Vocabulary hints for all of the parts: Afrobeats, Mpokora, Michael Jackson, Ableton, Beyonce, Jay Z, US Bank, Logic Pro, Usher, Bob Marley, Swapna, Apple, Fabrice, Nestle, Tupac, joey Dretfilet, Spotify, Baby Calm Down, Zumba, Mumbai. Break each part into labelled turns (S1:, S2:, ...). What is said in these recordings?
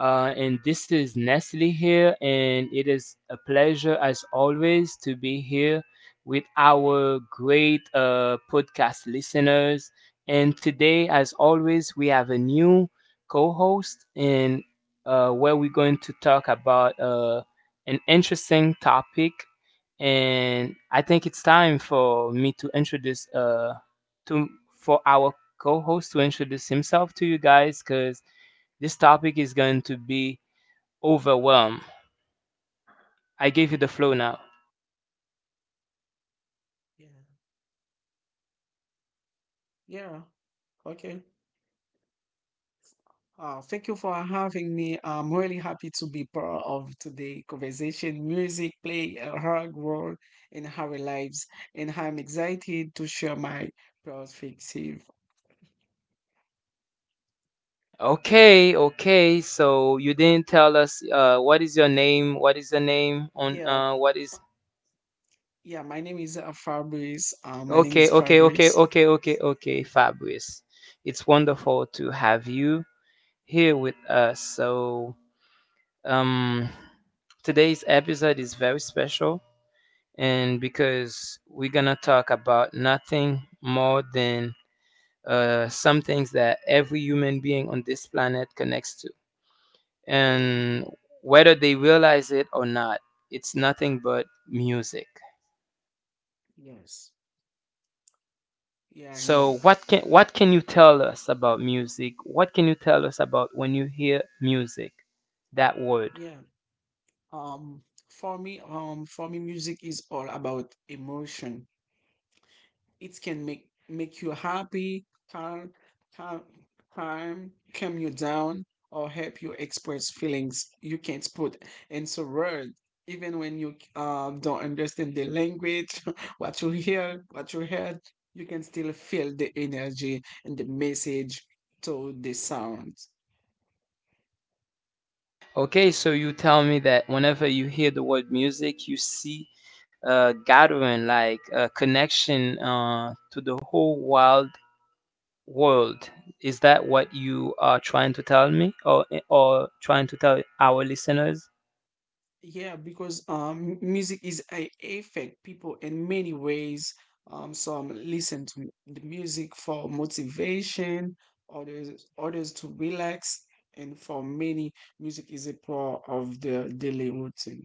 S1: And this is Nestle here, and it is a pleasure as always to be here with our great podcast listeners. And today, as always, we have a new co host, and where we're going to talk about an interesting topic. And I think it's time for me to introduce to for our co-host to introduce himself to you guys because this topic is going to be overwhelm. I gave you the flow now.
S2: Yeah. Yeah. Okay. Thank you for having me. I'm really happy to be part of today conversation. Music play a hard role in our lives, and I'm excited to share my perspective.
S1: Okay, okay. So you didn't tell us what is your name? What is the name on
S2: Yeah.
S1: what is
S2: Yeah. My name is Fabrice. My name is
S1: Okay, okay, okay,
S2: Fabrice.
S1: okay, okay, okay, Fabrice. It's wonderful to have you here with us. So, um today's episode is very special
S2: hmm
S1: and because we're going to talk about nothing more than some things that every human being on this planet connects to. And
S2: hmm
S1: whether they realize it or not, it's nothing but music.
S2: Yes. Yeah, I know.
S1: So what can you tell us about music? What can you tell us about when you hear music? That word.
S2: Yeah. Um, for me, music is all about emotion. It can make you happy, calm, calm, calm, you down, or help you express feelings you can't put into words. Even when you don't understand the language, what you heard, you can still feel the energy and the message to the sound.
S1: Okay, so you tell me that whenever you hear the word music, you see a gathering, like a connection to the whole world. Is that what you are trying to tell me or trying to tell our listeners?
S2: Yeah, because music is a affect people in many ways. Some listen to the music for motivation, others to relax, and for many, music is a part of their daily routine.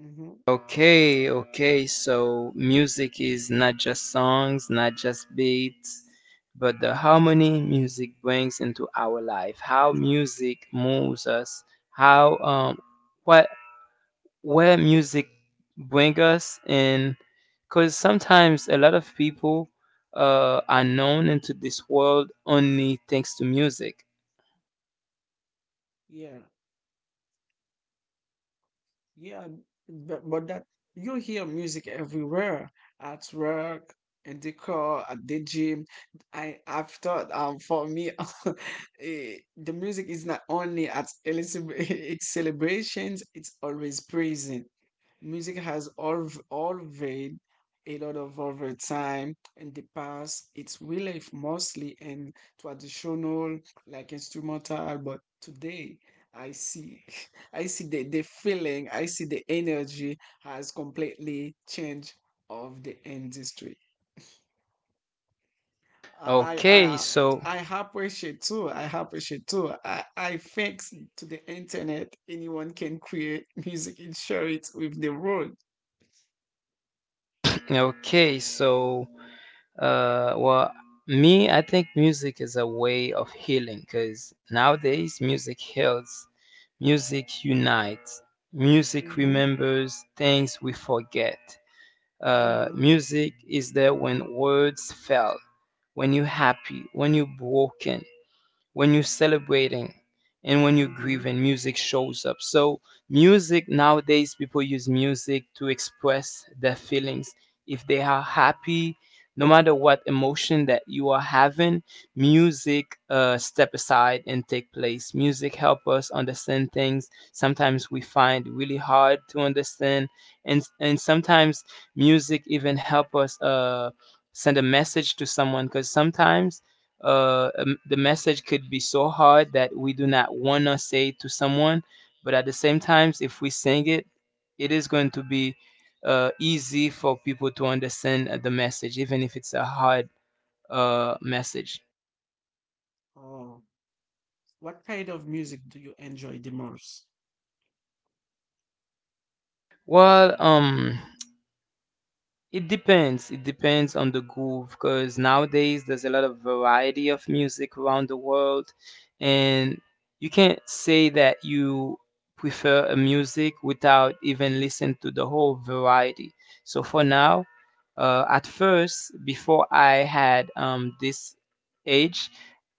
S2: Mm-hmm.
S1: Okay, okay. So music is not just songs, not just beats, but the
S2: Yeah.
S1: harmony music brings into our life. How music moves us. How what where music bring us in because sometimes a lot of people are known into this world only thanks to music.
S2: Yeah. Yeah, but that you hear music everywhere, at work, in the car, at the gym. I've thought, for me, the music is not only at it's celebrations; it's always present. Music has always a lot of overtime in the past. It's really mostly in traditional like instrumental, but today I see I see the feeling, I see the energy has completely changed of the industry. I I
S1: Okay,
S2: uh,
S1: so
S2: I appreciate too. I thanks to the internet, anyone can create music and share it with the world.
S1: okay, so well, me, I think music is a way of healing because nowadays music heals, music unites, music
S2: Mm-hmm.
S1: remembers things we forget. Uh,
S2: Mm-hmm.
S1: music is there when words fail, when you're happy, when you're broken, when you're celebrating and when you're
S2: Mm-hmm.
S1: grieving music shows up so music nowadays people use music to express their feelings if they are
S2: Oh,
S1: happy no matter what emotion that you are having music step aside and take place music help us understand things sometimes we find really hard to understand and sometimes music even help us send a message to someone because sometimes the message could be so hard that we do not want to say it to someone but at the same times if we sing it it is going to be easy for people to understand the message even if it's a hard message.
S2: oh. What kind of music do you enjoy the most?
S1: Well, it depends. It depends on the groove because nowadays there's a lot of variety of music around the world, and you can't say that you prefer a music without even listening to the whole variety. So for now, at first, before I had this age,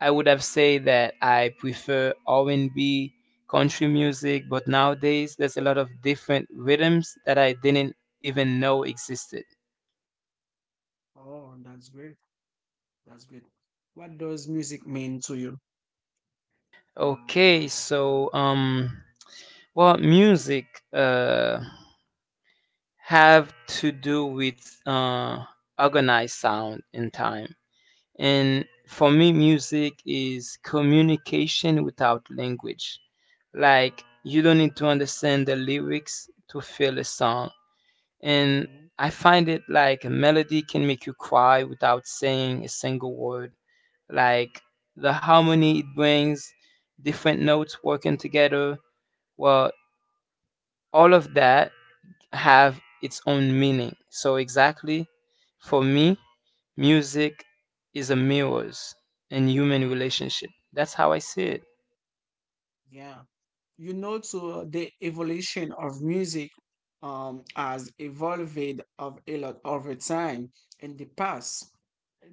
S1: I would have said that I prefer R&B, country music, but nowadays there's a lot of different rhythms that I didn't even know existed.
S2: Oh, that's great. That's great. What does music mean to you?
S1: Okay, so well, music uh have to do with organized sound in time, and for me, music is communication without language. Like you don't need to understand the lyrics to feel a song, and
S2: Hmm
S1: I find it like a melody can make you cry without saying a single word. Like the harmony it brings, different notes working together well all of that have its own meaning so exactly for me music is a mirrors in human relationship. That's how I see it.
S2: Yeah. You know, to the evolution of music has evolved of a lot over time in the past.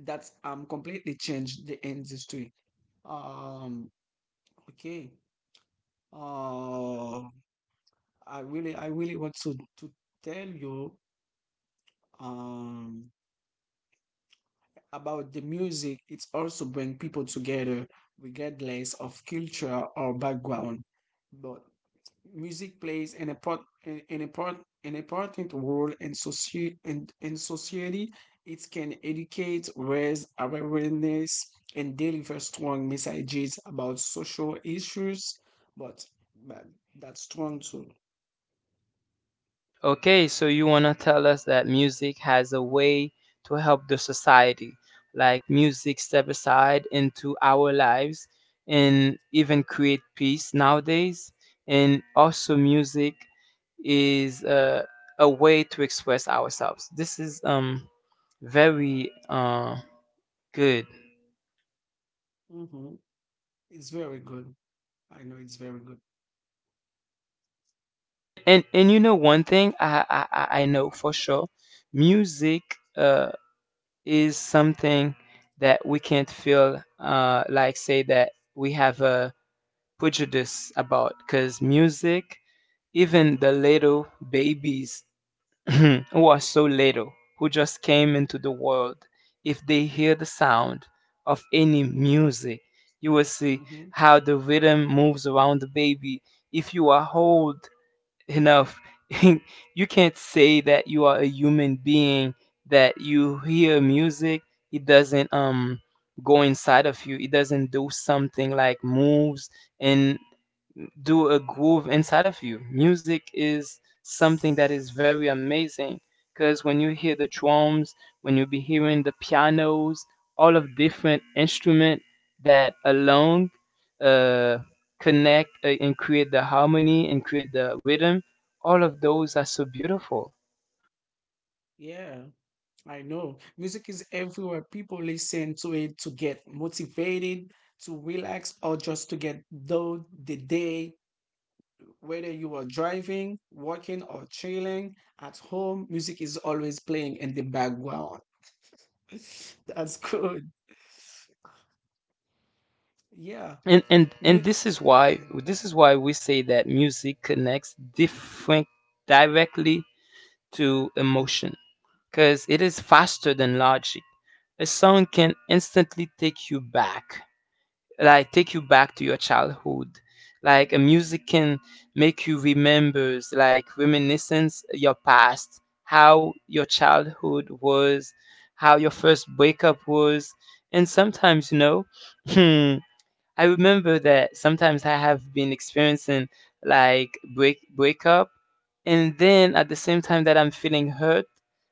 S2: That's completely changed the industry. Um, okay. Uh, I really want to tell you um about the music. It's also bring people together regardless of culture or background. But music plays an important an important role in society. It can educate, raise awareness, and deliver strong messages about social issues. But, but that's strong too.
S1: Okay, so you want to tell us that music has a way to help the society, like music step aside into our lives and even create peace nowadays. And also, music is a way to express ourselves. This is very good.
S2: Hmm It's very good. I know it's very good.
S1: And you know one thing I know for sure, music uh is something that we can't feel like say that we have a prejudice about because music even the little babies who are so little who just came into the world if they hear the sound of any
S2: Hmm
S1: music you will see
S2: hmm
S1: how the rhythm moves around the baby if you are old enough. You can't say that you are a human being that you hear music, it doesn't go inside of you, it doesn't do something like moves and do a groove inside of you. Music is something that is very amazing because when you hear the drums, when you be hearing the pianos, all of different instrument that alone uh, connect and create the harmony and create the rhythm, all of those are so beautiful.
S2: Yeah, I know. Music is everywhere. People listen to it to get motivated, to relax, or just to get through the day. Whether you are driving, working, or chilling at home, music is always playing in the background. That's good. Yeah.
S1: And
S2: Mu-
S1: this is why we say that music connects different directly to emotion, because it is faster than logic. A song can instantly take you back, like take you back to your childhood. Like a music can make you remember, like reminiscence your past, how your childhood was, how your first breakup was, and sometimes you know, I remember that sometimes I have been experiencing like breakup, and then at the same time that I'm feeling hurt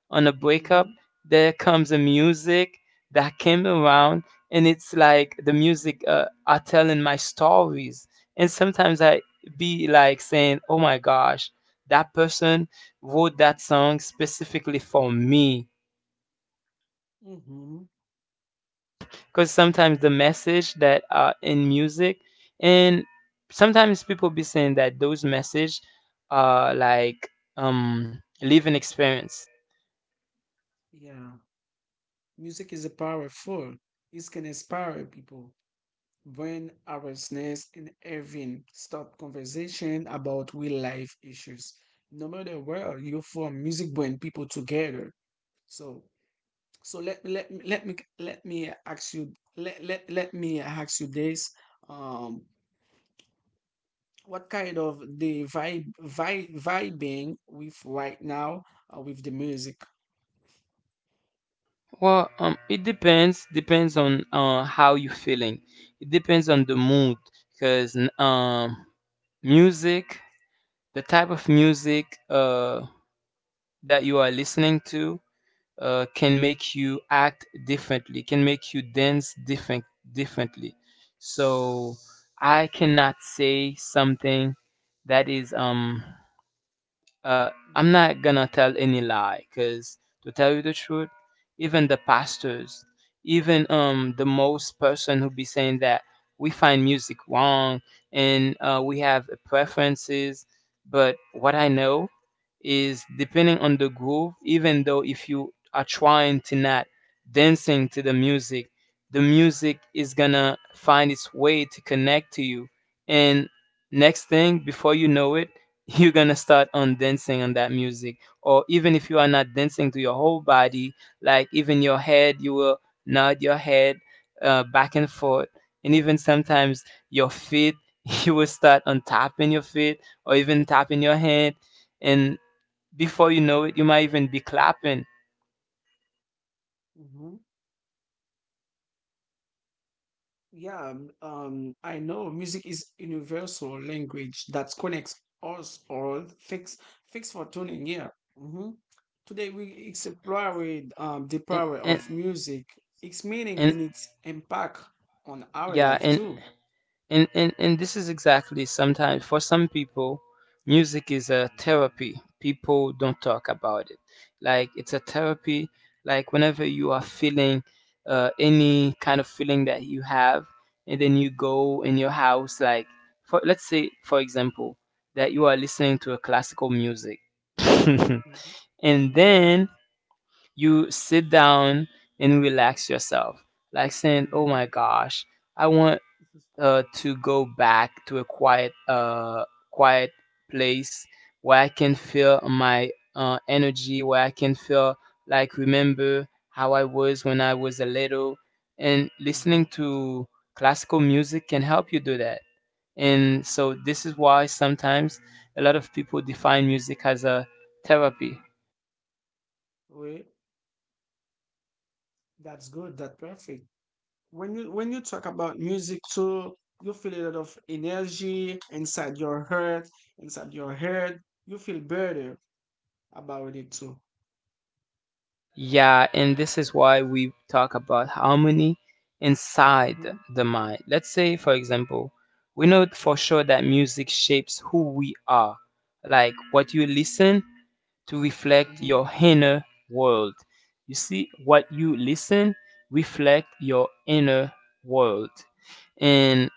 S1: on a breakup,
S2: mhm,
S1: there comes a music that came around, and it's like the music are telling my stories, and sometimes I be like saying, "Oh my gosh, that person wrote that song specifically for me."
S2: mhm,
S1: Because sometimes the message that are in music and sometimes people be saying that those message are like living experience.
S2: yeah. Music is powerful. It can inspire people, bring awareness, and even start conversation about real life issues. No matter where you're from, music brings people together. So So let me let me let me let me ask you let let, let me ask you this. Um, what kind of the vibe vibing with right now with the music?
S1: Well, it depends depends on how you feeling. It depends on the mood because music the type of music that you are listening to can make you act differently, can make you dance differently. So I cannot say something that is I'm
S2: Mhm.
S1: not gonna tell any lie, cause to tell you the truth, even the pastors, even the most person who be saying that we find music wrong and we have preferences, but what I know is depending on the groove, even though if you are trying to not dancing to the music is gonna find its way to connect to you. And next thing, before you know it, you're gonna start on dancing on that music or even if you are not dancing to your whole body like even your head you will nod your head back and forth and even sometimes your feet you will start on tapping your feet or even tapping your hand and before you know it you might even be clapping
S2: hmm Yeah, I know music is universal language that connects us all. Thanks for tuning in. Hmm Today we explored the
S1: and
S2: power
S1: and,
S2: of music, its meaning
S1: and
S2: and its impact on our
S1: yeah
S2: life
S1: and
S2: too.
S1: and, and and this is exactly sometimes for some people music is a therapy people don't talk about it like it's a therapy like whenever you are feeling any kind of feeling that you have and then you go in your house like for let's say for example that you are listening to a classical music
S2: Mhm.
S1: and
S2: Yeah.
S1: then you sit down and relax yourself like saying oh
S2: Mm-hmm.
S1: my gosh I want
S2: This is.
S1: to go back to a quiet place where I can feel my energy, where I can feel like remember how I was when I was a little. And
S2: Mm-hmm.
S1: listening to classical music can help you do that. And so this is why sometimes a lot of people define music as a therapy.
S2: Wait, that's good. That's perfect. When you talk about music too, you feel a lot of energy inside your heart, inside your head. You feel better about it too.
S1: Yeah, and this is why we talk about harmony inside
S2: Mm-hmm.
S1: the mind. Let's say, for example, we know for sure that music shapes who we are. Like what you listen to reflect
S2: Mm-hmm.
S1: your inner world. You see, what you listen reflect your inner world. And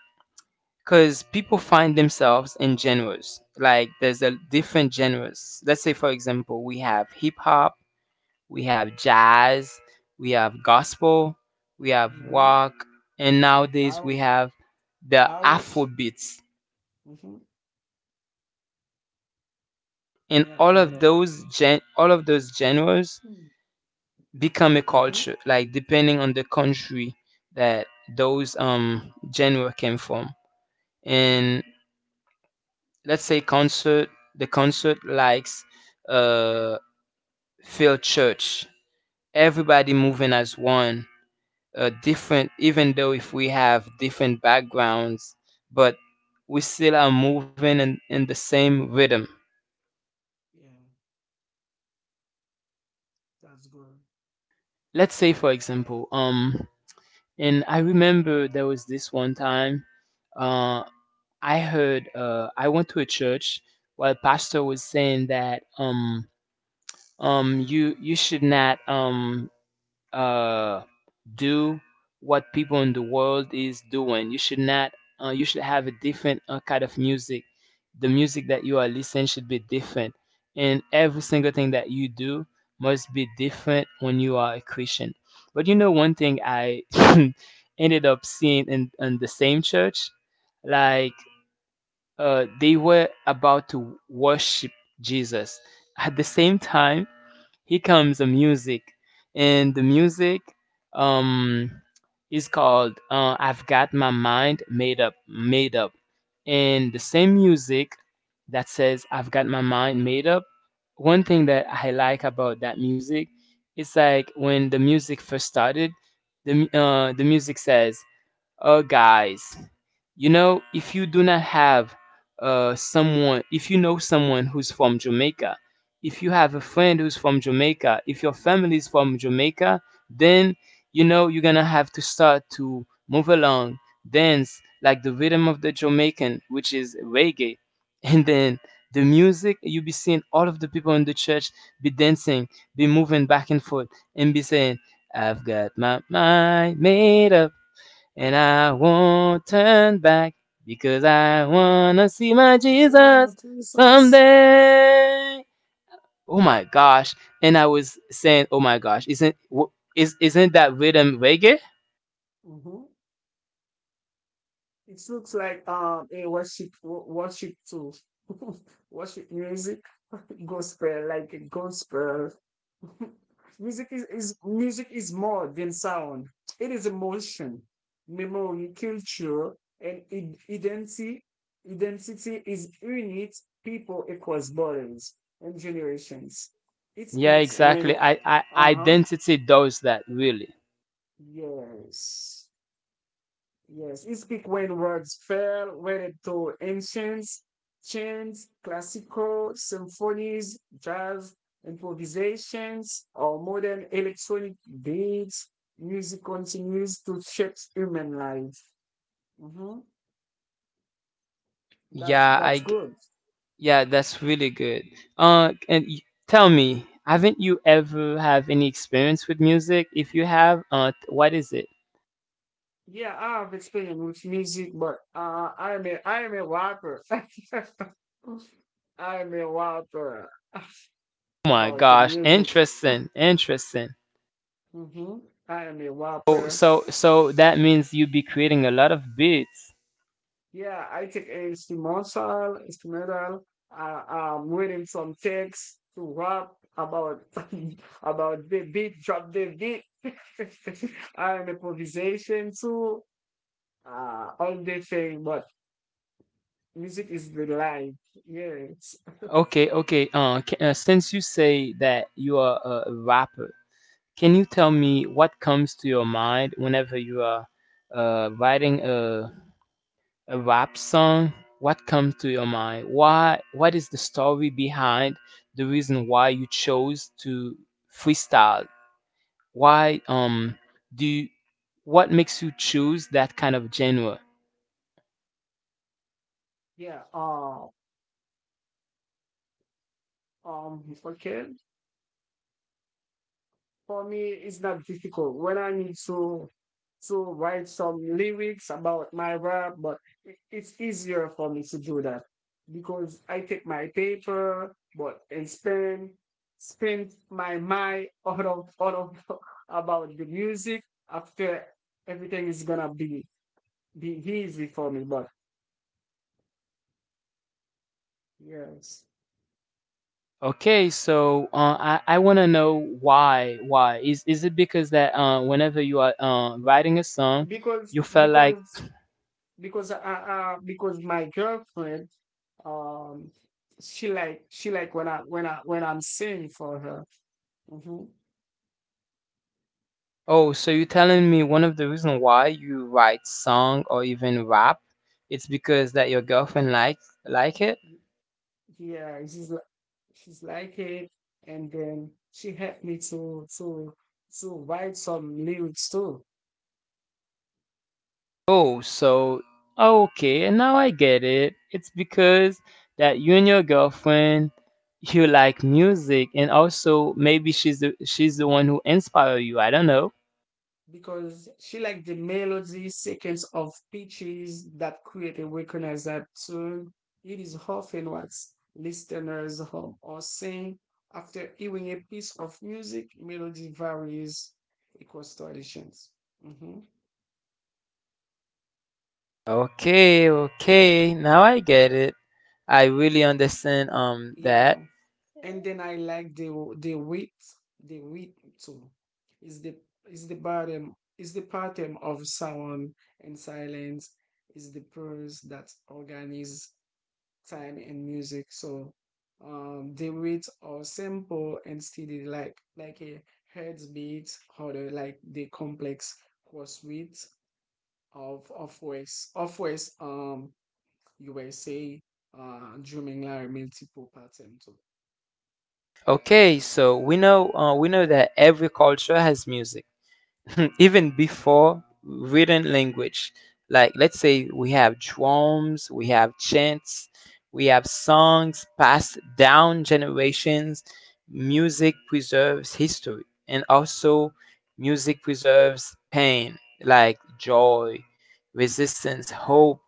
S1: because people find themselves in genres, like there's a different genres. Let's say, for example, we have hip hop we have jazz, we have gospel, we have
S2: Mm-hmm.
S1: rock, and nowadays
S2: How
S1: we have the
S2: how's?
S1: Afrobeats.
S2: Mm-hmm.
S1: And
S2: Yeah,
S1: all
S2: I
S1: of
S2: know.
S1: those all of those genres
S2: Mm-hmm.
S1: become a culture, like depending on the country that those genre came from.
S2: Mm-hmm.
S1: And let's say concert, the concert likes uh filled Church. Everybody moving as one different, even though if we have different backgrounds, but we still are moving in the same rhythm.
S2: Yeah, that's good.
S1: Let's say, for example, and I remember there was this one time, uh, I heard, I went to a church while pastor was saying that, you should not uh, do what people in the world is doing. You should not. You should have a different kind of music. The music that you are listening should be different, and every single thing that you do must be different when you are a Christian. But you know, one thing I ended up seeing in the same church, like they were about to worship Jesus. At the same time, here comes the music and the music um is called "I've got my mind made up, made up. And the same music that says "I've got my mind made up," one thing that I like about that music is like when the music first started, the music says, "Guys, you know, if you do not have if you know someone who's from Jamaica, if you have a
S2: Mm-hmm.
S1: friend who's from Jamaica, if your family is from Jamaica, then you know you're gonna have to start to move along, dance like the rhythm of the Jamaican," which is reggae, and then the music, you'll be seeing all of the people in the church be dancing, be moving back and forth, and be saying, "I've got my mind made up. And I won't turn back because I
S2: Mm-hmm.
S1: wanna see my
S2: So you're my
S1: Jesus
S2: three sauce.
S1: someday." Oh my gosh! And I was saying, oh my gosh, isn't w- is isn't that rhythm reggae?
S2: Mm-hmm. It looks like a worship worship tool, worship music, gospel like a gospel. Music is more than sound. It is emotion, memory, culture, and identity. Identity is unit people equals borders and generations. It
S1: Yeah,
S2: speaks when
S1: exactly. I,
S2: uh huh
S1: identity does that really.
S2: yes. Yes, he speak when words fell whether to ancients, chants, classical, symphonies, jazz, improvisations, or modern electronic beats. Music continues to shape human life. Hmm That's
S1: Yeah, I g-
S2: good.
S1: yeah, that's really good. Uh, and y- Tell me, haven't you ever have any experience with music? If you have, what is it?
S2: Yeah, I have experience with music, but I'm a rapper. I'm a rapper
S1: Oh my
S2: about the
S1: gosh,
S2: music.
S1: interesting, interesting.
S2: Hmm I am a
S1: Oh,
S2: rapper.
S1: so that means you'd be creating a lot of beats.
S2: Yeah, I take a instrumental. Uh, I'm reading some text to rap about about the beat, drop the beat. I'm improvisation too. All the thing, but music is the life. Yes.
S1: Okay, okay. Ca Since you say that you are a rapper, can you tell me what comes to your mind whenever you are writing a rap song? What comes to your mind? Why? What is the story behind the reason why you chose to freestyle? Why do you, what makes you choose that kind of genre?
S2: Yeah. Uh, um. Okay. For me it's not difficult when I need to write some lyrics about my rap, but it's easier for me to do that because I take my paper, but and spend my mind out of about the music. After everything is gonna be be easy for me. But yes,
S1: Okay, so I want to know why is it because that whenever you are writing a song,
S2: because
S1: you felt like,
S2: because because I because my girlfriend um she like when I'm singing for her. Hmm
S1: oh, so you're telling me one of the reason why you write song or even rap, it's because that your girlfriend like it.
S2: Yeah, she's like it, and then she helped me to write some lyrics too.
S1: Oh, so okay, and now I get it. It's because that you and your girlfriend, you like music, and also maybe she's the one who inspired you. I don't know.
S2: Because she liked the melody sequence of pitches that create a recognizable tune. It is often what listeners hum or sing after hearing a piece of music. Melody varies across traditions. Hmm
S1: Okay, okay. Now I get it. I really understand
S2: Yeah,
S1: that.
S2: and then I like the width, the width too. Is the is the pattern of sound and silence is the pulse that organizes time and music. So the beats are simple and steady, like a heads beat or like the complex chorus beat of West USA drumming like multiple pattern too.
S1: Okay, so we know that every culture has music even
S2: Yeah.
S1: before written language. Like, let's say we have drums, we have chants, we have songs passed down generations. Music preserves history, and also music preserves pain, like joy, resistance, hope.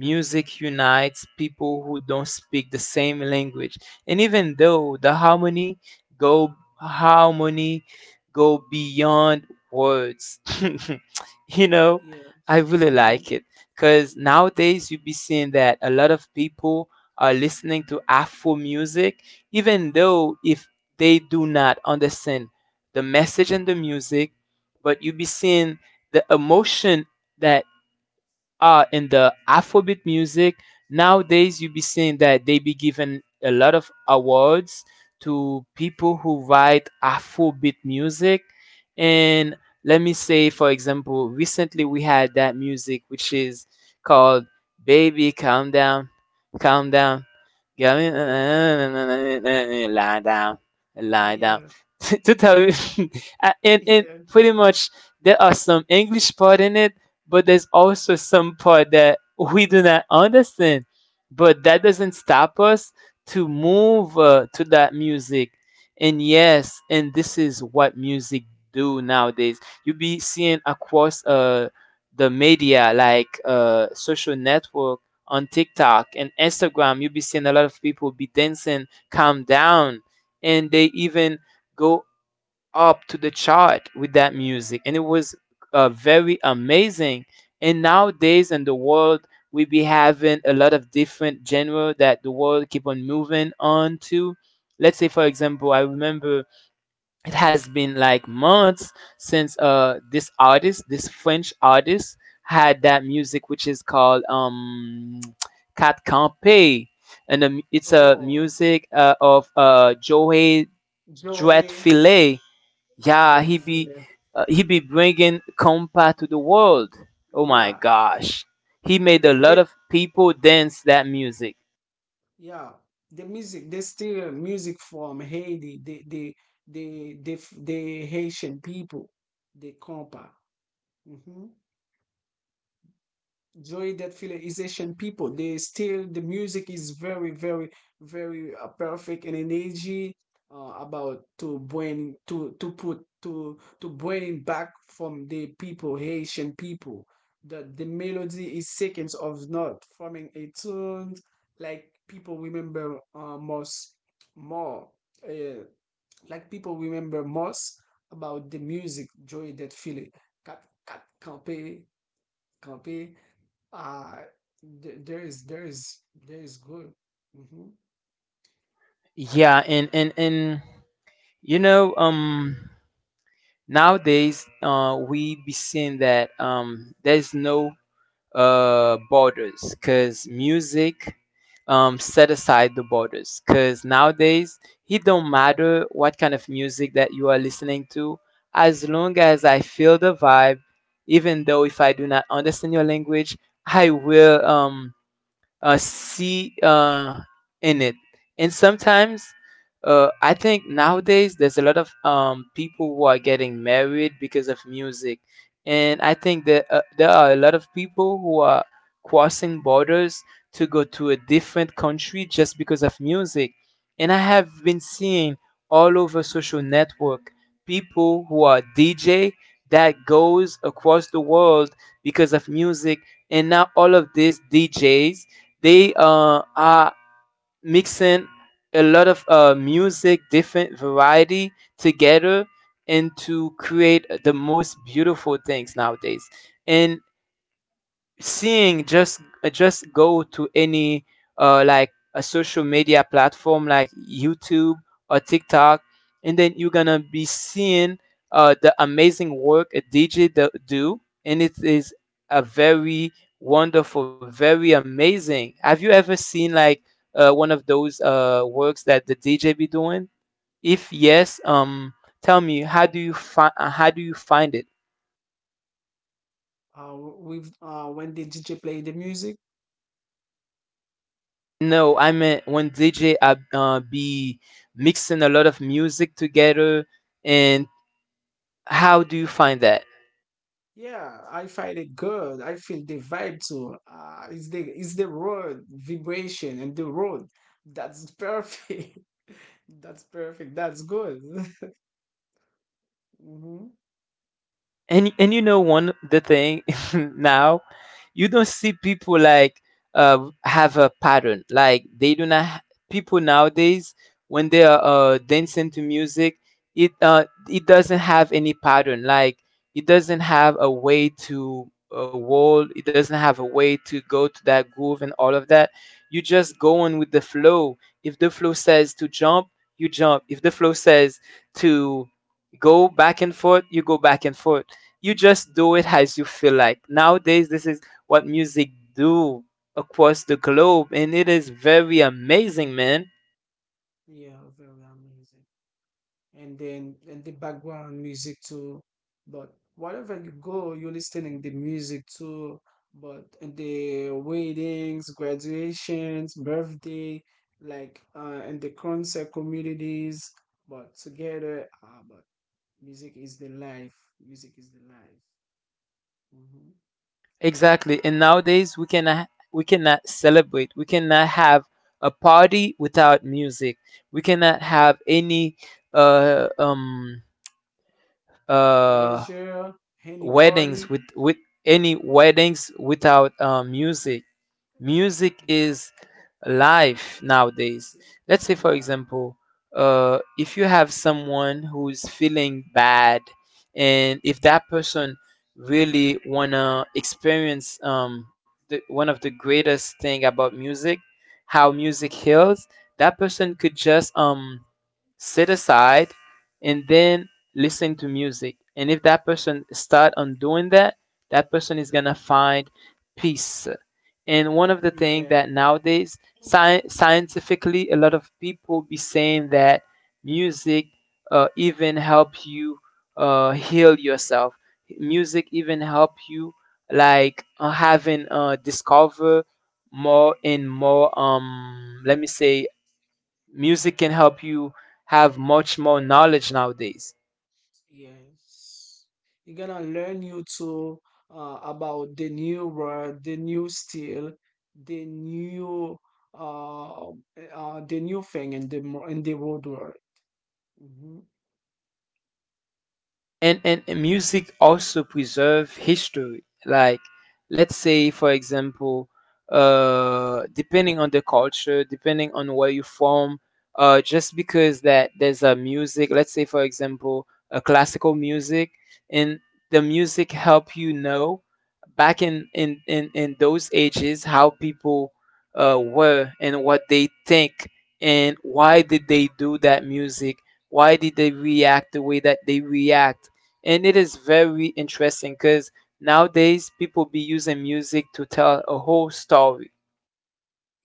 S1: Music unites people who don't speak the same language, and even though the harmony, go harmony go beyond words. You know, I
S2: Yes.
S1: really
S2: Mm-hmm.
S1: like it because nowadays you'll be seeing that a lot of people are listening to Afro music, even though if they do not understand the message in the music, but you'll be seeing the emotion that in the Afrobeat music. Nowadays you be seeing that they be giving a lot of awards to people who write Afrobeat music. And
S2: Mhm.
S1: let me say, for example, recently we had that music which is called "Baby Calm Down, Calm Down,
S2: Yeah.
S1: Lie Down, Lie Down."
S2: Yeah.
S1: To tell you, and
S2: Yeah.
S1: pretty much there are some English part in it, but there's also some part that we do not understand, but that doesn't stop us to move to that music. And yes, and this is what music do nowadays. You be seeing across the media like social network, on TikTok and Instagram, you be seeing a lot of people be dancing "Calm Down," and they even go up to the chart with that music, and it was very amazing. And nowadays in the world, we be having a lot of different genre that the world keep on moving on to. Let's say for example, I remember it has been like months since this artist, this French artist, had that music which is called Cat Campe. And it's a
S2: Oh,
S1: music of Joey
S2: Joey
S1: Dretfilet. Yeah,
S2: Brett Filler.
S1: he be bringing compa to the world. Oh my
S2: Yeah.
S1: gosh, he made a lot
S2: They
S1: of people dance that music.
S2: Yeah, the music, they steal music from Haiti, the the the Haitian people, the compa. Joy that Asian people. They still the music is very perfect and energy about to bring to put to bring back from the people Haitian people. That the melody is seconds of note forming a tune like people remember most more uh, like people remember most about the music Joy that Philly. Cat campé campé uh, th- there is there is there is good. Hmm
S1: Yeah, and you know, nowadays we be seeing that there's no borders because music, set aside the borders, because nowadays it don't matter what kind of music that you are listening to. As long as I feel the vibe, even though if I do not understand your language, I will see in it. And sometimes, I think nowadays there's a lot of people who are getting married because of music. And I think that there are a lot of people who are crossing borders to go to a different country just because of music. And I have been seeing all over social network people who are DJ that goes across the world because of music, and now all of these DJs, they are mixing a lot of music, different variety together, and to create the most beautiful things nowadays. And seeing, just go to any like a social media platform like YouTube or TikTok, and then you're gonna be seeing the amazing work a DJ do, and it is a very wonderful, very amazing. Have you ever seen like one of those works that the DJ be doing? If yes, tell me, how do you find it?
S2: With when the DJ play the music,
S1: No, I meant when DJ be mixing a lot of music together, and how do you find that?
S2: yeah, I find it good. I feel the vibe too. It's the road vibration and the road. That's perfect. That's perfect. That's good. hmm
S1: And you know, one the thing, now you don't see people like have a pattern, like they do not ha- people nowadays, when they are dancing to music, it doesn't have any pattern. Like it doesn't have a way to a wall, it doesn't have a way to go to that groove and all of that. You just go on with the flow. If the flow says to jump, you jump. If the flow says to go back and forth, you go back and forth. You just do it as you feel like. Nowadays, this is what music do across the globe, and it is very amazing, man.
S2: Yeah, very amazing. And then and the background music too. But wherever you go, you're listening the music too. But in the weddings, graduations, birthday, like in the concert communities, but together, ah, but music is the life. Music is the life. Hmm
S1: Exactly. And nowadays, we cannot celebrate. We cannot have a party without music. We cannot have any uh um uh
S2: Pleasure, any
S1: weddings,
S2: party,
S1: with any weddings without music. Music is life nowadays.
S2: is-
S1: Let's say, for
S2: yeah,
S1: example, if you have someone who's feeling bad, and if that person really wanna experience one of the greatest thing about music, how music heals, that person could just sit aside and then listen to music. And if that person start on doing that, that person is gonna find peace. And one of the things
S2: yeah.
S1: that nowadays, scientifically, a lot of people be saying that music even help you heal yourself. Music even help you like, having discover more and more. Let me say, music can help you have much more knowledge nowadays.
S2: Yes. You're gonna learn you too about the new word, the new style, the new uh, the new thing in the in the world. Mhm.
S1: And Music also preserve history. Like let's say, for example, depending on the culture, depending on where you're from, just because that there's a music, let's say, for example, a classical music, and the music help you know back in in those ages how people were and what they think and why did they do that music, why did they react the way that they react. And it is very interesting because nowadays people be using music to tell a whole story.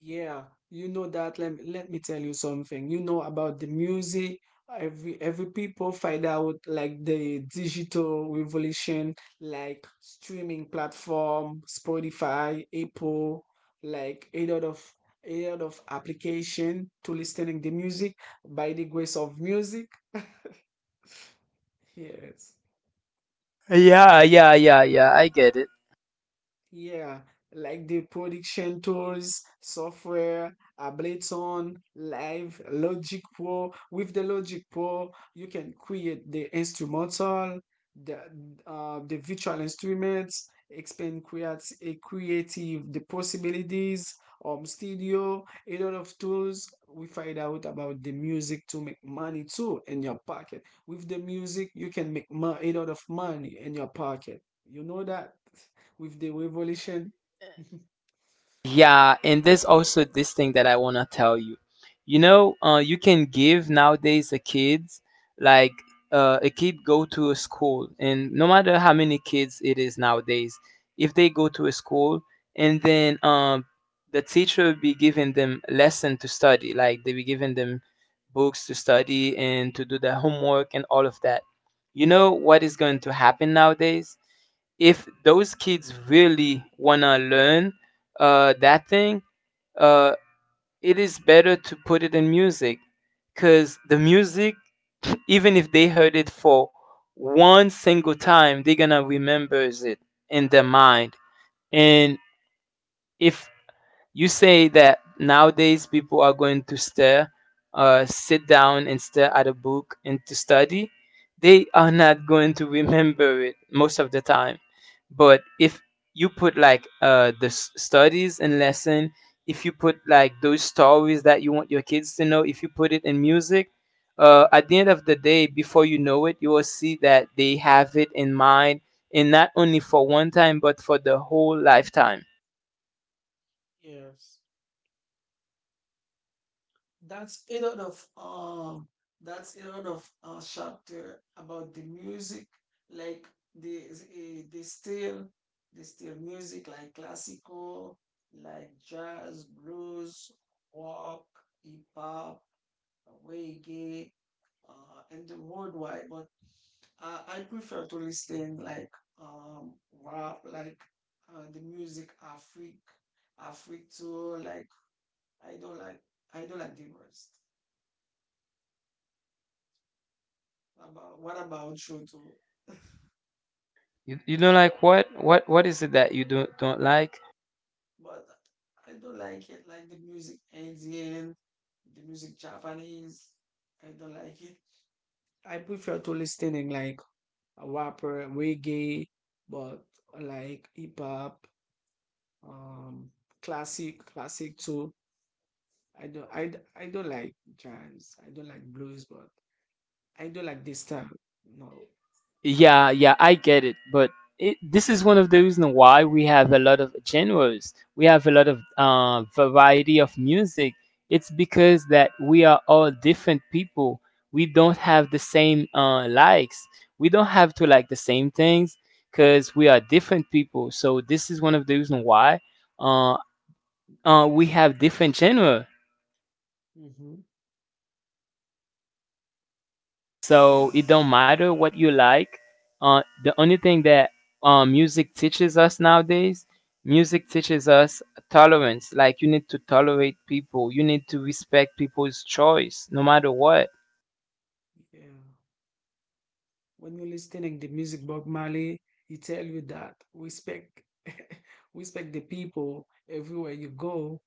S2: Yeah, you know that. Let me tell you something. You know about the music. Every people find out like the digital revolution, like streaming platform, Spotify, Apple, like a lot of application to listening the music by the grace of music. Yes.
S1: Yeah, I get it.
S2: Yeah, like the production tools, software, Ableton, Live, Logic Pro. With the Logic Pro, you can create the instrumental, the the virtual instruments, expand create a creative the possibilities. Studio, a lot of tools. We find out about the music to make money too in your pocket. With the music, you can make a lot of money in your pocket. You know that? With the revolution.
S1: Yeah, and there's also this thing that I want to tell you. You know, you can give nowadays the kids, like a kid go to a school, and no matter how many kids it is nowadays, if they go to a school and then the teacher will be giving them lesson to study, like they be giving them books to study and to do their homework and all of that. You know what is going to happen nowadays? If those kids really want to learn that thing, uh, it is better to put it in music, because the music, even if they heard it for one single time, they're gonna remembers it in their mind. And if you say that nowadays people are going to stare, sit down and stare at a book and to study, they are not going to remember it most of the time. But if you put like studies and lesson, if you put like those stories that you want your kids to know, if you put it in music, at the end of the day, before you know it, you will see that they have it in mind, and not only for one time but for the whole lifetime.
S2: Yes. That's a lot of um that's a lot of chapter about the music like the eh, the still the still music like classical, like jazz, blues, rock, hip hop, reggae, and the worldwide, but I prefer to listen like um rap, like the music Afrik, Afrik too, like I don't like I don't like the rest. About what about Shoto?
S1: You don't like what? What is it that you don't like?
S2: But I don't like it. Like the music Indian, the music Japanese. I don't like it. I prefer to listening like a rapper, reggae, but like hip hop, um, classic too. I don't, I don't like jazz. I don't like blues, but I don't like this style. No.
S1: Yeah, yeah, I get it, but this is one of the reasons why we have a lot of genres. We have a lot of variety of music. It's because that we are all different people. We don't have the same likes. We don't have to like the same things because we are different people. So this is one of the reasons why uh, we have different genres.
S2: Mm-hmm. Yeah.
S1: So it don't matter what you like. The only thing that music teaches us nowadays, music teaches us tolerance. Like you need to tolerate people. You need to respect people's choice, no matter what.
S2: Yeah. When you're listening the music Bob Marley, he tell you that respect respect the people everywhere you go,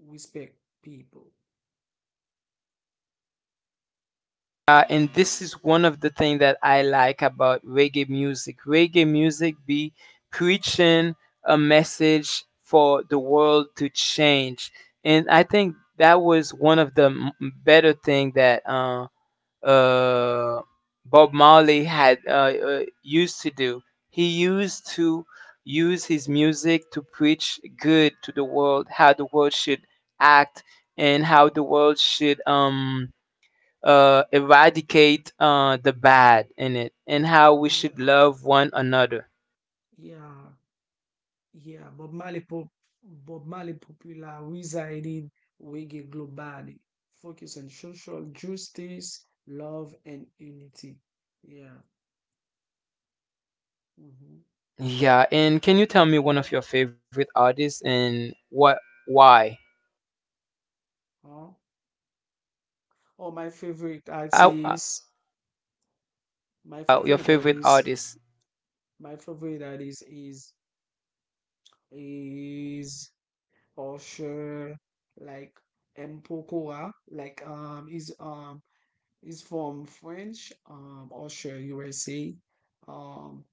S2: respect people.
S1: And this is one of the things that I like about reggae music. Reggae music be preaching a message for the world to change, and I think that was one of the better thing that. Uh, Bob Marley had used to do. He used to use his music to preach good to the world, how the world should act, and how the world should eradicate the bad in it, and how we
S2: Yeah,
S1: should love one another.
S2: yeah, yeah. Bob Marley popular. Popularizing reggae globally, focus on social justice, love, and unity. Yeah. Mm-hmm.
S1: Yeah, and can you tell me one of your favorite artists and what why?
S2: Huh? Oh, my favorite
S1: Uh,
S2: artist, my
S1: your
S2: favorite
S1: favorite
S2: artist,
S1: artist?
S2: my favorite artist is is of like Mpokora, like is from French Usher USA. Um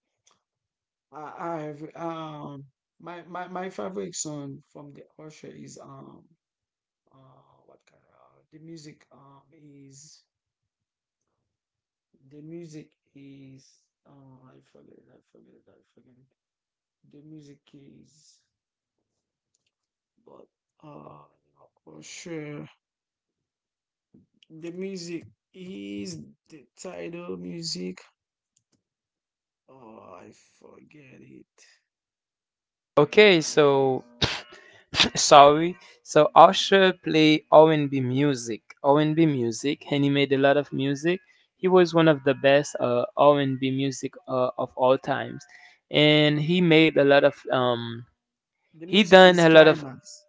S2: I I've My favorite song from the Usher is what kind of the music is the music is I forget the music is, but uh Usher. The music is the title music. Oh, I forget it.
S1: Okay,
S2: I think
S1: so sorry. So Usher play R&B music. R&B music, and he made a lot of music. He was one of the best R&B music of all times, and he made a lot of.
S2: the
S1: He
S2: music
S1: done
S2: is
S1: a lot of
S2: climax.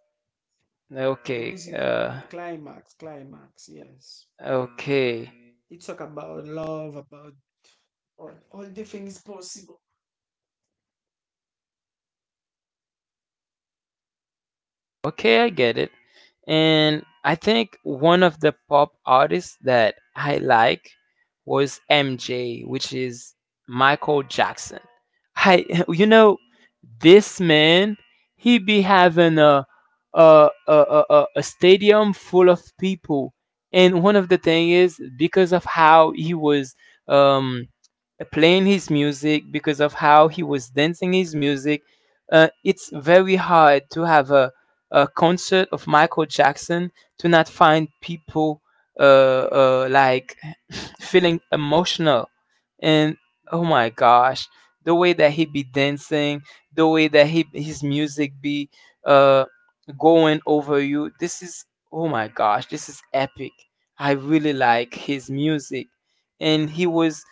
S2: The
S1: okay.
S2: music climax. Yes,
S1: Okay.
S2: it talk about love, about all the things possible.
S1: Okay, I get it. And I think one of the pop artists that I like was MJ, which is Michael Jackson. I, you know, this man, he be having a stadium full of people, and one of the thing is because of how he was um playing his music because of how he was dancing his music. It's very hard to have a concert of Michael Jackson to not find people like feeling emotional. And oh my gosh, the way that he be dancing, the way that his music be uh, going over you, this is oh my gosh, this is epic. I really like his music. And he was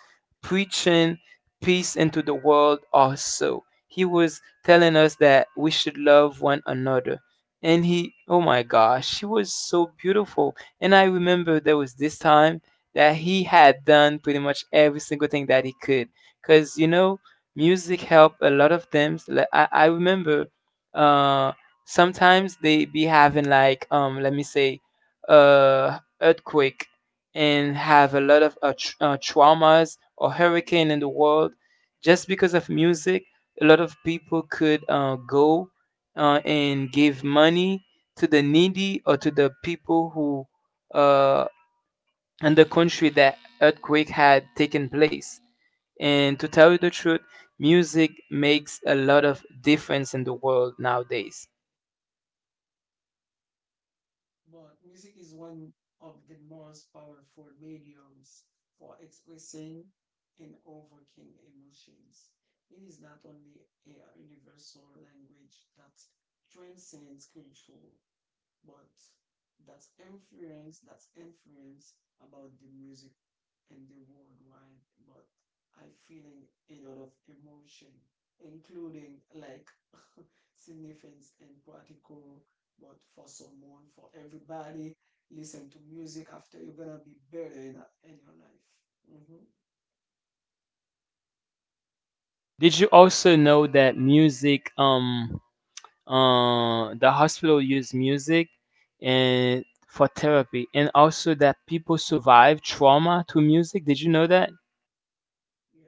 S1: preaching peace into the world also. He was telling us that we should love one another. And he, oh my gosh, she was so beautiful. And I remember there was this time that he had done pretty much every single thing that he could. Because, you know, music helped a lot of them. Like, I remember uh, sometimes they be having, like, let me say, earthquake and have a lot of traumas or hurricane in the world just because of music a lot of people could go and give money to the needy or to the people who uh, in the country that earthquake had taken place and to tell you the truth music makes a lot of difference in the world nowadays.
S2: But music is one of the most powerful mediums for expressing and overcoming emotions. It is not only a universal language that transcends culture, but that influence about the music and the worldwide. But I feeling a lot of emotion, including, like, significance and practical. But for someone, for everybody, listen to music after, you're gonna be better in your life. Hmm.
S1: Did you also know that music the hospital used music and for therapy and also that people survive trauma to music, did you know that?
S2: Yeah.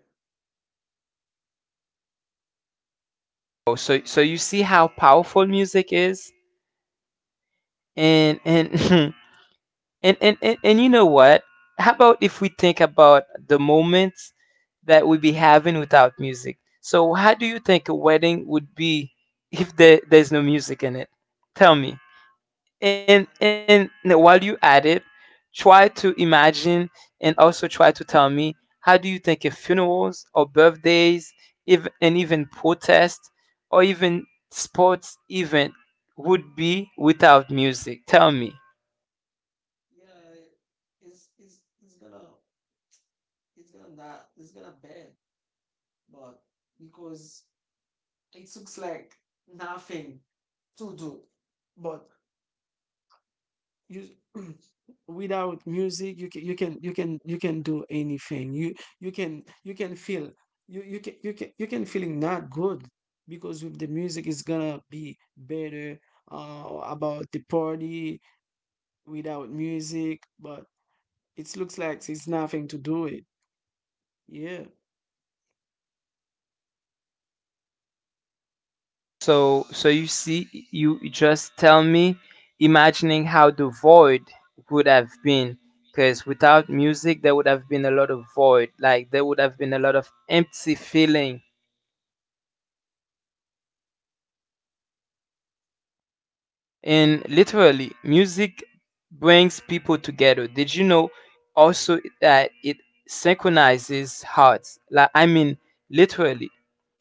S1: Oh, so so you see how powerful music is, and
S2: Happen.
S1: and and, and,
S2: Mhm.
S1: and you know what, how about if we think about the moments that we be having without music, so how do you think a wedding would be if there's no music in it, tell me. and
S2: Yeah,
S1: and while you at it try to imagine and also try to tell me how do you think if funerals or birthdays, if, and even protests or even sports event would be without music, tell me.
S2: yeah, it's it's it's gonna it's gonna not it's gonna bad, but because it looks like nothing to do. But you without music, you can do anything. You can feel. You can feeling not good, because with the music it's gonna be better. About the party without music, but it looks like it's nothing to do it. Yeah.
S1: So so you see, you just tell me imagining how the void would have been, because without music there would have been a lot of void, like there would have been a lot of empty feeling. And literally music brings people together, did you know also that it synchronizes hearts, like I mean literally,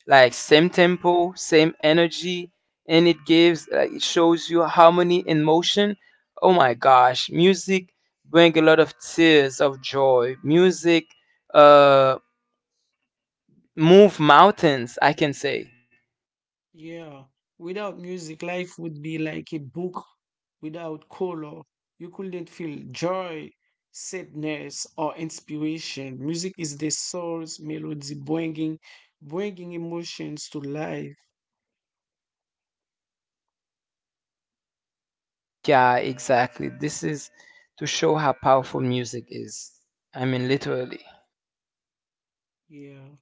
S1: like same tempo same energy, and it gives like it shows you harmony in motion. Oh my gosh, music bring a lot of tears of joy, music uh move mountains I can say.
S2: Yeah, without music, life would be like a book without color. You couldn't feel joy, sadness, or inspiration. Music is the soul's melody, bringing emotions to life.
S1: Yeah, exactly. This is to show how powerful music is. I mean, literally.
S2: Yeah.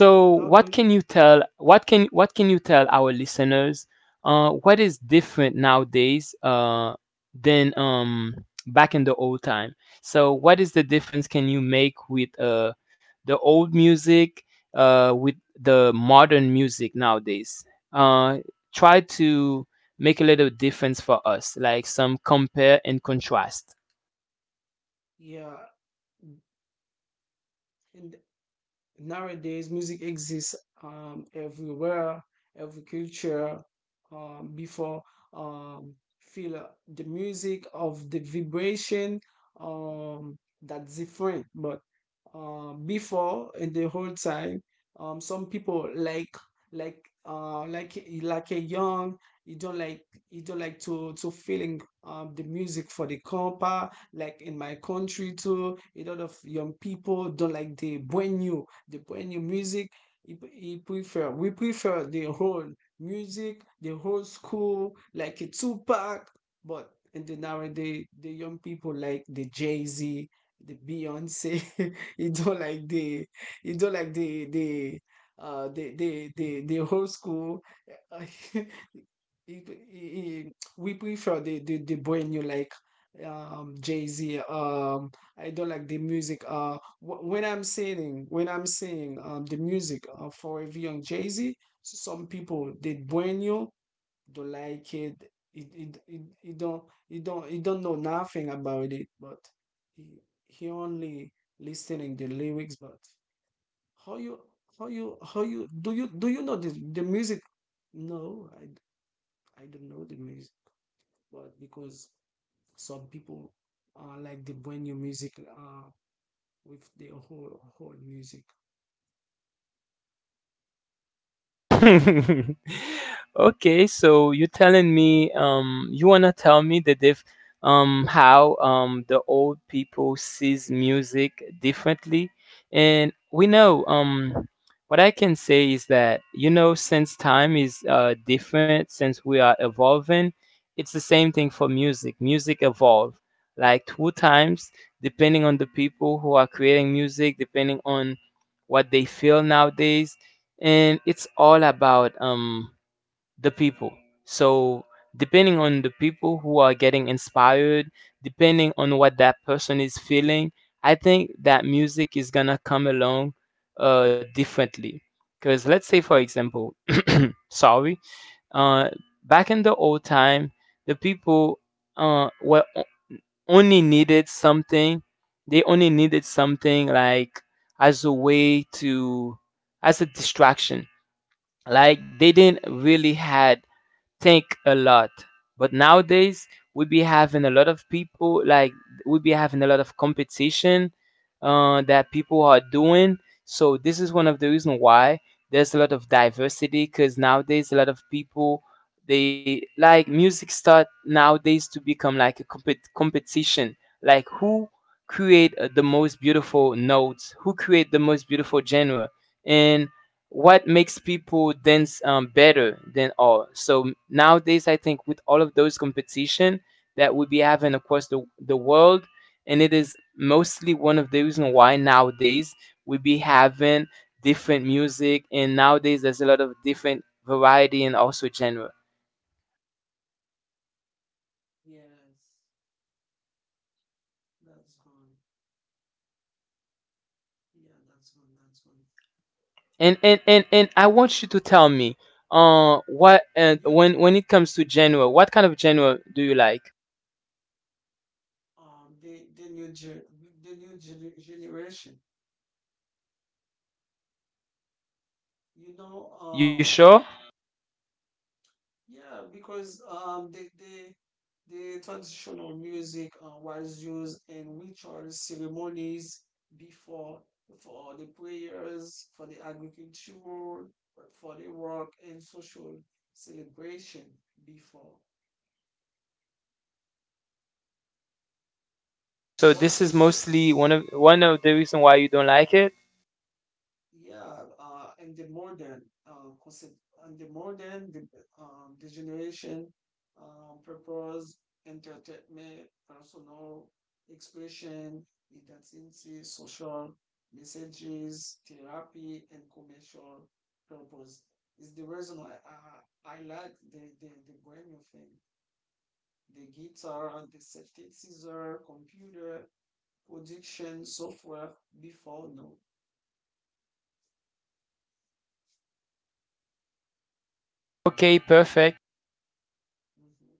S1: So,
S2: How do
S1: what
S2: you?
S1: can you tell? What can you tell our listeners? What is different nowadays than back in the old time? So, what is the difference can you make with the old music with the modern music nowadays? Uh, Try to make a little difference for us, like some compare and contrast.
S2: Yeah. And nowadays music exists everywhere, every culture. Before, um, feel the music of the vibration. That's different. But before, in the whole time, some people like, like like a young, you don't like, you don't like to feeling the music for the compa, like in my country too, a lot of young people don't like the brand new music. He prefer we prefer the whole music, the whole school, like a Tupac. But in the nowadays, the young people like the Jay Z, the Beyonce. you don't like the you don't like the whole school. it, we prefer the brand new, like Jay Z. I don't like the music. When I'm saying the music for a young Jay Z, some people they bueno don't like it. It don't it don't it don't know nothing about it, but he, he only listening the lyrics. But how you how you how you do you do you know this the music? No, I don't know the music, but because some people like the bueno music with the whole music.
S1: Okay, so you're telling me, you wanna tell me that if, how the old people sees music differently, and we know, what I can say is that you know, since time is different, since we are evolving, it's the same thing for music. Music evolve like two times depending on the people who are creating music, depending on what they feel nowadays, and it's all about the people. So depending on the people who are getting inspired, depending on what that person is feeling, I think that music is gonna come along differently, because let's say for example sorry, uh back in the old time the people uh were o- only needed something, they only needed something like as a way to, as a distraction, like they didn't really had think a lot. But nowadays we be having a lot of people like, we be having a lot of competition that people are doing. So this is one of the reason why there's a lot of diversity, because nowadays a lot of people they like music start nowadays to become like a competition, like who create the most beautiful notes, who create the most beautiful genre, and what makes people dance better than all. So nowadays, I think with all of those competition that we be having across the world, and it is mostly one of the reason why nowadays we be having different music, and nowadays there's a lot of different variety and also genre.
S2: Yes, that's gone. Yeah, that's gone. That's gone.
S1: And I want you to tell me, what
S2: You
S1: when it comes to genre, what kind of genre do you like?
S2: um the the new gen the new generation. You know.
S1: You sure?
S2: Yeah, because the traditional music was used in rituals, ceremonies before, for the prayers, for the agriculture, for the work and social celebration before.
S1: So
S2: But
S1: this is
S2: in the
S1: mostly one of the reason why you don't like it.
S2: Yeah, and the modern, concept, and the modern, the generation, purpose, entertainment, personal expression, identity, social messages, therapy, and commercial purpose is the reason I like the Bohemian thing. The guitar, the synthesizer, computer, production, software before, no.
S1: Okay, perfect.
S2: Mhm.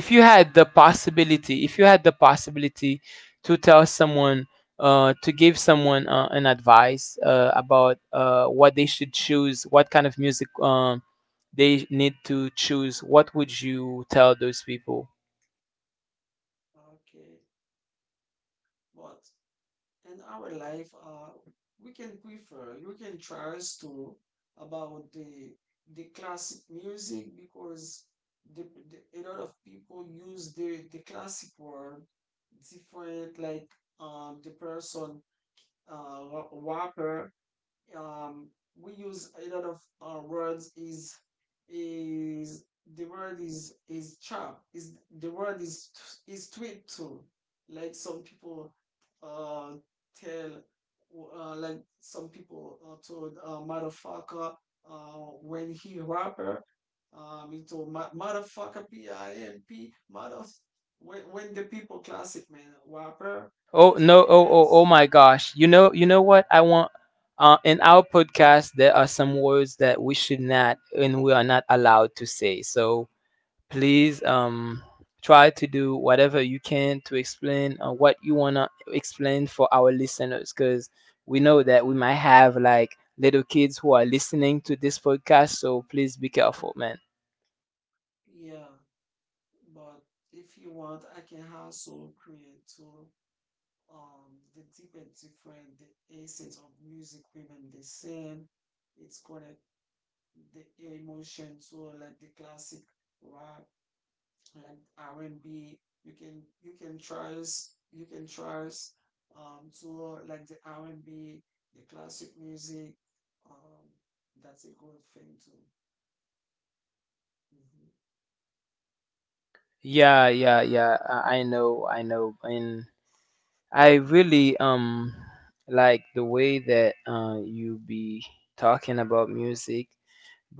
S1: If you had the possibility, if you had the possibility to tell someone, to give someone an advice about what they should choose, what kind of music they need to choose, what would you tell those people?
S2: Okay. But in our life, we can prefer, you can trust to about the classic music, because the, a lot of people use the classic word different, like the person, rapper, um we use a lot of words. Is the word is chap, is the word is tweet too. Like some people uh tell, like some people told, motherfucker when he rapper, he told, motherfucker p I m p, mother..." When the people classic man rapper, is
S1: Oh no! Oh
S2: different.
S1: oh oh my gosh! You know what I want. In our podcast, there are some words that we should not and we are not allowed to say. So please
S2: Mhm.
S1: try to do whatever you can to explain what you want to explain for our listeners, because we know that we might have like little kids who are listening to this podcast, so please be careful man.
S2: Yeah. But if you want, I can also create too the deep and different, the essence of music women they sing. It's connect the emotion to, like, the classic rock, like R and B. You can trust to, like, the R and B, the classic music. Um, that's a good thing too. Mhm.
S1: Yeah, yeah I know, I know. And I really like the way that you be talking about music.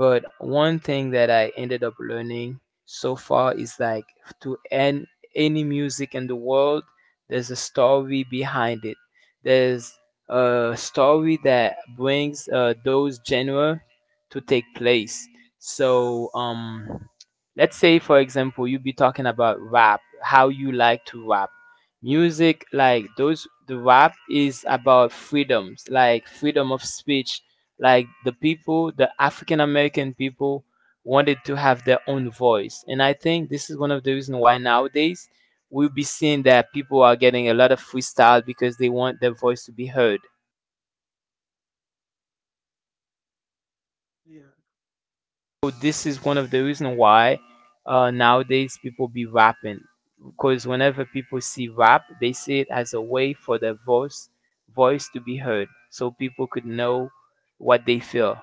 S1: But one thing that I ended up learning so far is like, to end any music in the world, there's a story behind it. There's a story that brings those genre to take place. So, let's say for example, you be talking about rap, how you like to rap. Music like those, the rap is about freedoms, like freedom of speech, like the people, the African American people wanted to have their own voice. And I think this is one of the reasons why nowadays we'll be seeing that people are getting a lot of freestyle because they want their voice to be heard.
S2: Yeah.
S1: So this is one of the reasons why nowadays people be rapping, because whenever people see rap, they see it as a way for their voice to be heard, so people could know what they feel.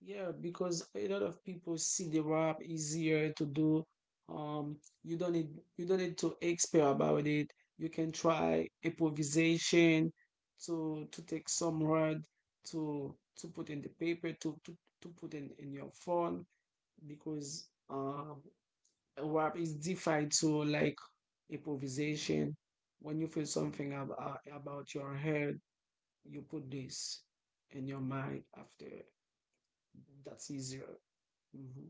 S2: Yeah, because a lot of people see the rap easier to do. Um, you don't need you don't need to expert about it. You can try improvisation to take some word to, put in the paper to put in your phone, because rap is defined to, like, improvisation. When you feel something about your head, you put this in your mind after. That's easier. Hmm.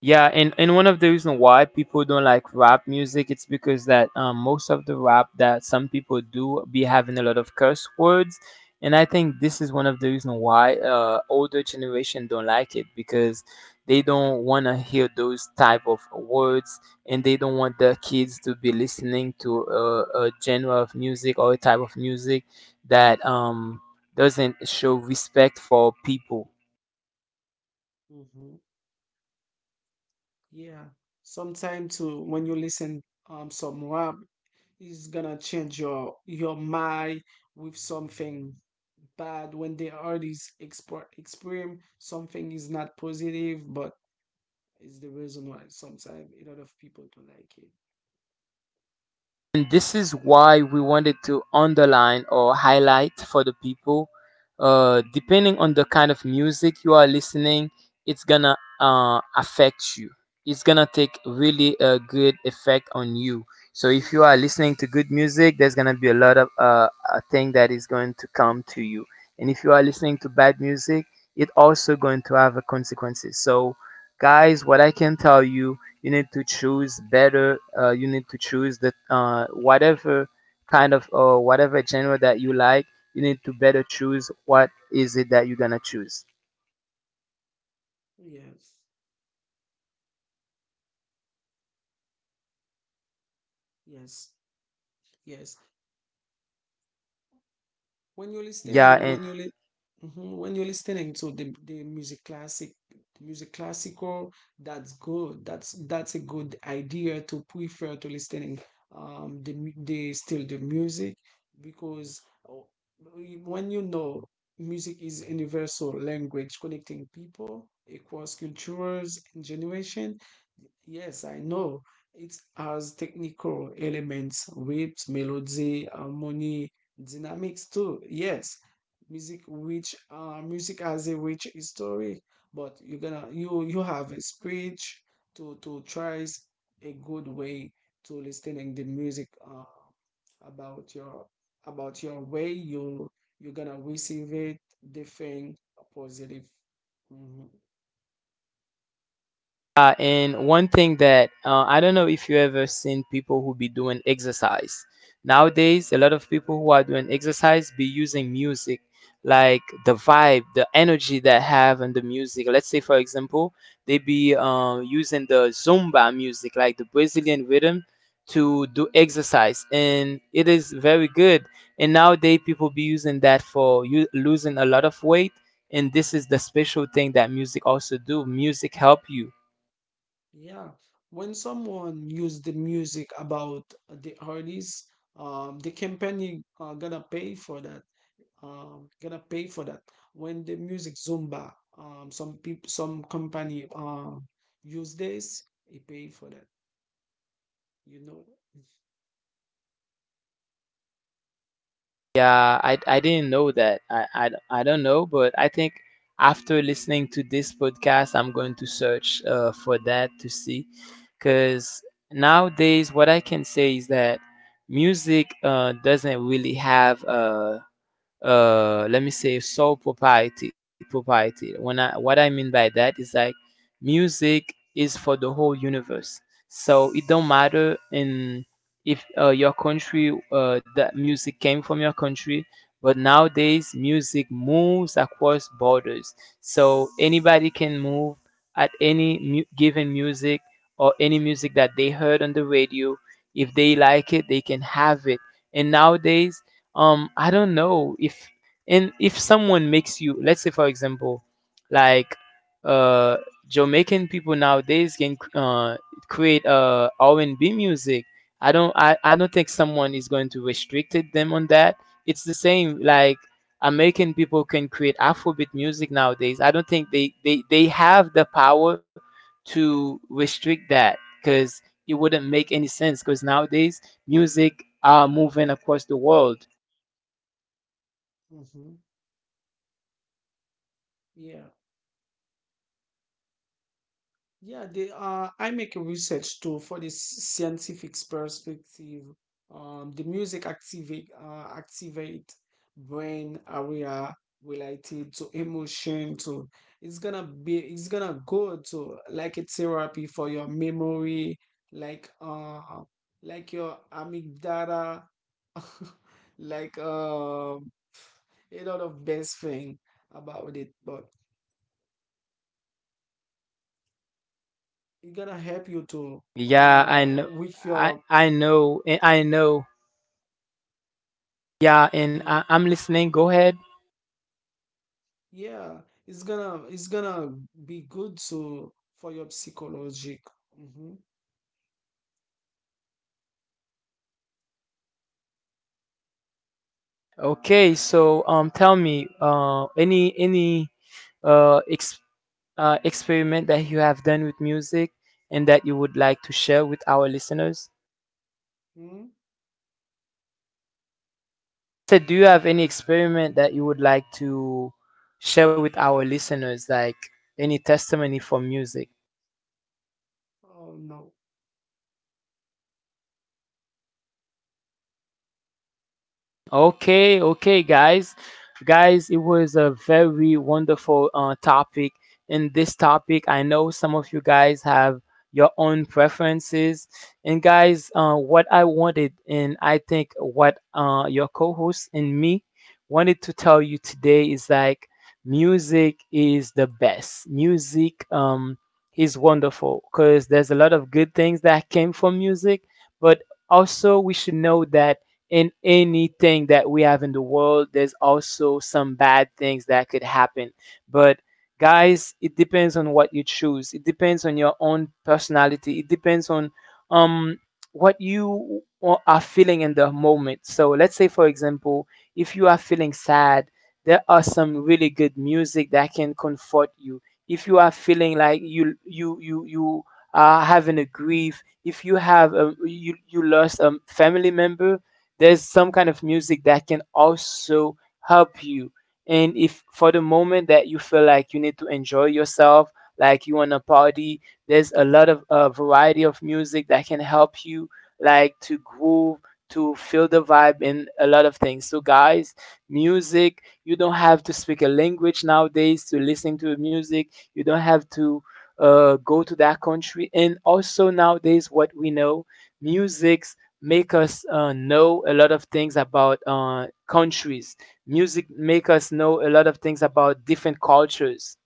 S1: Yeah, and one of the reasons why people don't like rap music, it's because that most of the rap that some people do be having a lot of curse words, and I think this is one of the reasons why older generation don't like it because they don't want to hear those type of words, and they don't want their kids to be listening to a genre of music or a type of music that doesn't show respect for people.
S2: Hmm. Yeah. Sometime too, when you listen some rap, it's gonna change your mind with something bad, when the artist export exprime something is not positive, but is the reason why sometimes a lot of people don't like it.
S1: And this is why we wanted to underline or highlight for the people, depending on the kind of music you are listening, it's gonna affect you. It's gonna take really a good effect on you. So if you are listening to good music, there's gonna be a lot of a thing that is going to come to you. And if you are listening to bad music, it also going to have a consequences. So guys, what I can tell you, you need to choose better. You need to choose the, whatever kind of, whatever genre that you like, you need to better choose what is it that you're gonna choose.
S2: Yes, yes, yes. When you're
S1: yeah
S2: listening,
S1: and
S2: Mhm. When you're listening to the music classical, that's good. That's a good idea to prefer to listening the still the music, because, oh, when you know music is universal language connecting people across cultures and generation. Yes, I know it has technical elements, rhythms, melody, harmony. Dynamics too, yes. Music has a rich history, but you're gonna you you have a speech to try a good way to listening the music about your, about your way you're gonna receive it different, positive. Mhm.
S1: Yeah, and one thing that, I don't know if you ever seen people who be doing exercise. Nowadays, a lot of people who are doing exercise be using music, like the vibe, the energy that have in the music. Let's say, for example, they be using the Zumba music, like the Brazilian rhythm, to do exercise, and it is very good. And nowadays, people be using that for losing a lot of weight. And this is the special thing that music also do. Music help you.
S2: Yeah. When someone use the music about the artist, the company are gonna pay for that, um gonna pay for that when the music Zumba, some company use this, he pay for that, you know.
S1: Yeah, I didn't know that. I don't know, but I think after listening to this podcast, I'm going to search for that to see. Because nowadays, what I can say is that music doesn't really have a, let me say, soul propriety. When I mean by that is like, music is for the whole universe. So it don't matter in if, your country, that music came from your country, but nowadays music moves across borders. So anybody can move at given music, or any music that they heard on the radio. If they like it, they can have it. And nowadays, um, I don't know if, and if someone makes you, let's say for example, like, uh Jamaican people nowadays can, create R&B music. I don't think someone is going to restricted them on that. It's the same like American people can create Afrobeat music nowadays. I don't think they have the power to restrict that, because it wouldn't make any sense, because nowadays music are moving across the world.
S2: Hmm. Yeah. Yeah, they are. I make a research too for the scientific perspective. The music activate brain area related to emotion too. It's gonna go to, like, a therapy for your memory, like uh like your amygdala, like, a lot of best thing about it. But it's gonna help you to
S1: Yeah, I
S2: uh
S1: know.
S2: with
S1: I
S2: your...
S1: I know. And I know. Yeah, and
S2: Mhm.
S1: I'm listening. Go ahead.
S2: Yeah. It's gonna be good to for your psychologic. Mm-hmm.
S1: Okay, so tell me, any uh, ex- uh, experiment that you have done with music and that you would like to share with our listeners?
S2: Mm.
S1: So, do you have any experiment that you would like to share with our listeners, like any testimony for music?
S2: Oh no.
S1: Okay, okay, guys. Guys, it was a very wonderful topic. In this topic, I know some of you guys have your own preferences. And, guys, what I wanted, and I think what, your co host and me wanted to tell you today is like, music is the best. Music, is wonderful because there's a lot of good things that came from music, but also we should know that in anything that we have in the world, there's also some bad things that could happen. But guys, it depends on what you choose. It depends on your own personality. It depends on, um, what you are feeling in the moment. So let's say for example, if you are feeling sad, there are some really good music that can comfort you. If you are feeling like you are having a grief, if you have a, you lost a family member, there's some kind of music that can also help you. And if for the moment that you feel like you need to enjoy yourself, like you want to party, there's a lot of a variety of music that can help you, like to groove, to feel the vibe and a lot of things. So guys, music, you don't have to speak a language nowadays to listen to music. You don't have to, go to that country. And also nowadays, what we know, music make us, know a lot of things about, countries. Music make us know a lot of things about different cultures.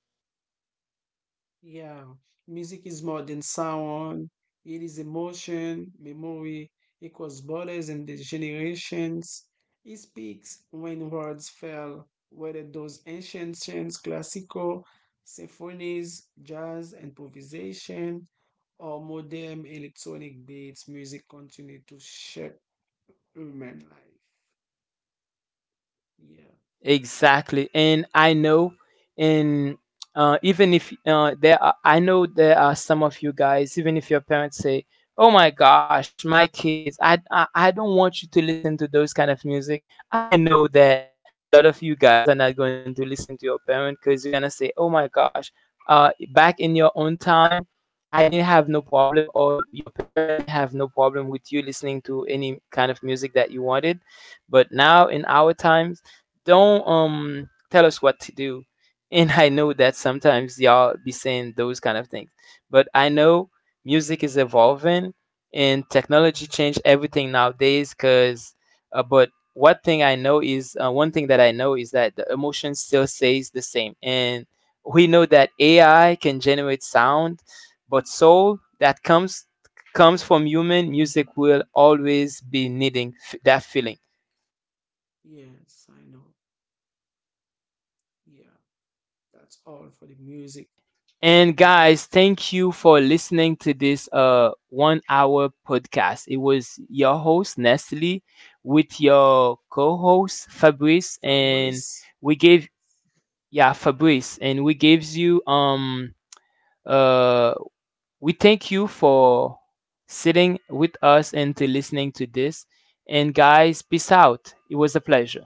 S2: Yeah, music is more than sound. It is emotion, memory, equals borders and the generations. It speaks when words fail, whether those ancient chants, classical symphonies, jazz, improvisation, or modern electronic beats, music continue to shape human life. Yeah,
S1: Exactly, and I know, and even if, there are, I know there are some of you guys, even if your parents say, "Oh my gosh, my kids, I don't want you to listen to those kind of music." I know that a lot of you guys are not going to listen to your parent because you're gonna say, "Oh my gosh, back in your own time, I didn't have no problem, or your parent didn't have no problem with you listening to any kind of music that you wanted." But now in our times, don't tell us what to do. And I know that sometimes y'all be saying those kind of things. But I know music is evolving and technology changed everything nowadays, cuz, but what thing I know is one thing that I know is that the emotion still stays the same. And we know that AI can generate sound, but soul that comes from human music will always be needing that feeling.
S2: yes, I know. Yeah, that's all for the music.
S1: And
S2: Mm-hmm.
S1: guys, thank you for listening to this 1-hour podcast. It was your host Nestle with your co-host Fabrice and
S2: Fabrice.
S1: we gave yeah Fabrice, and we gives you um, uh, we thank you for sitting with us and to listening to this. And guys, peace out. It was a pleasure.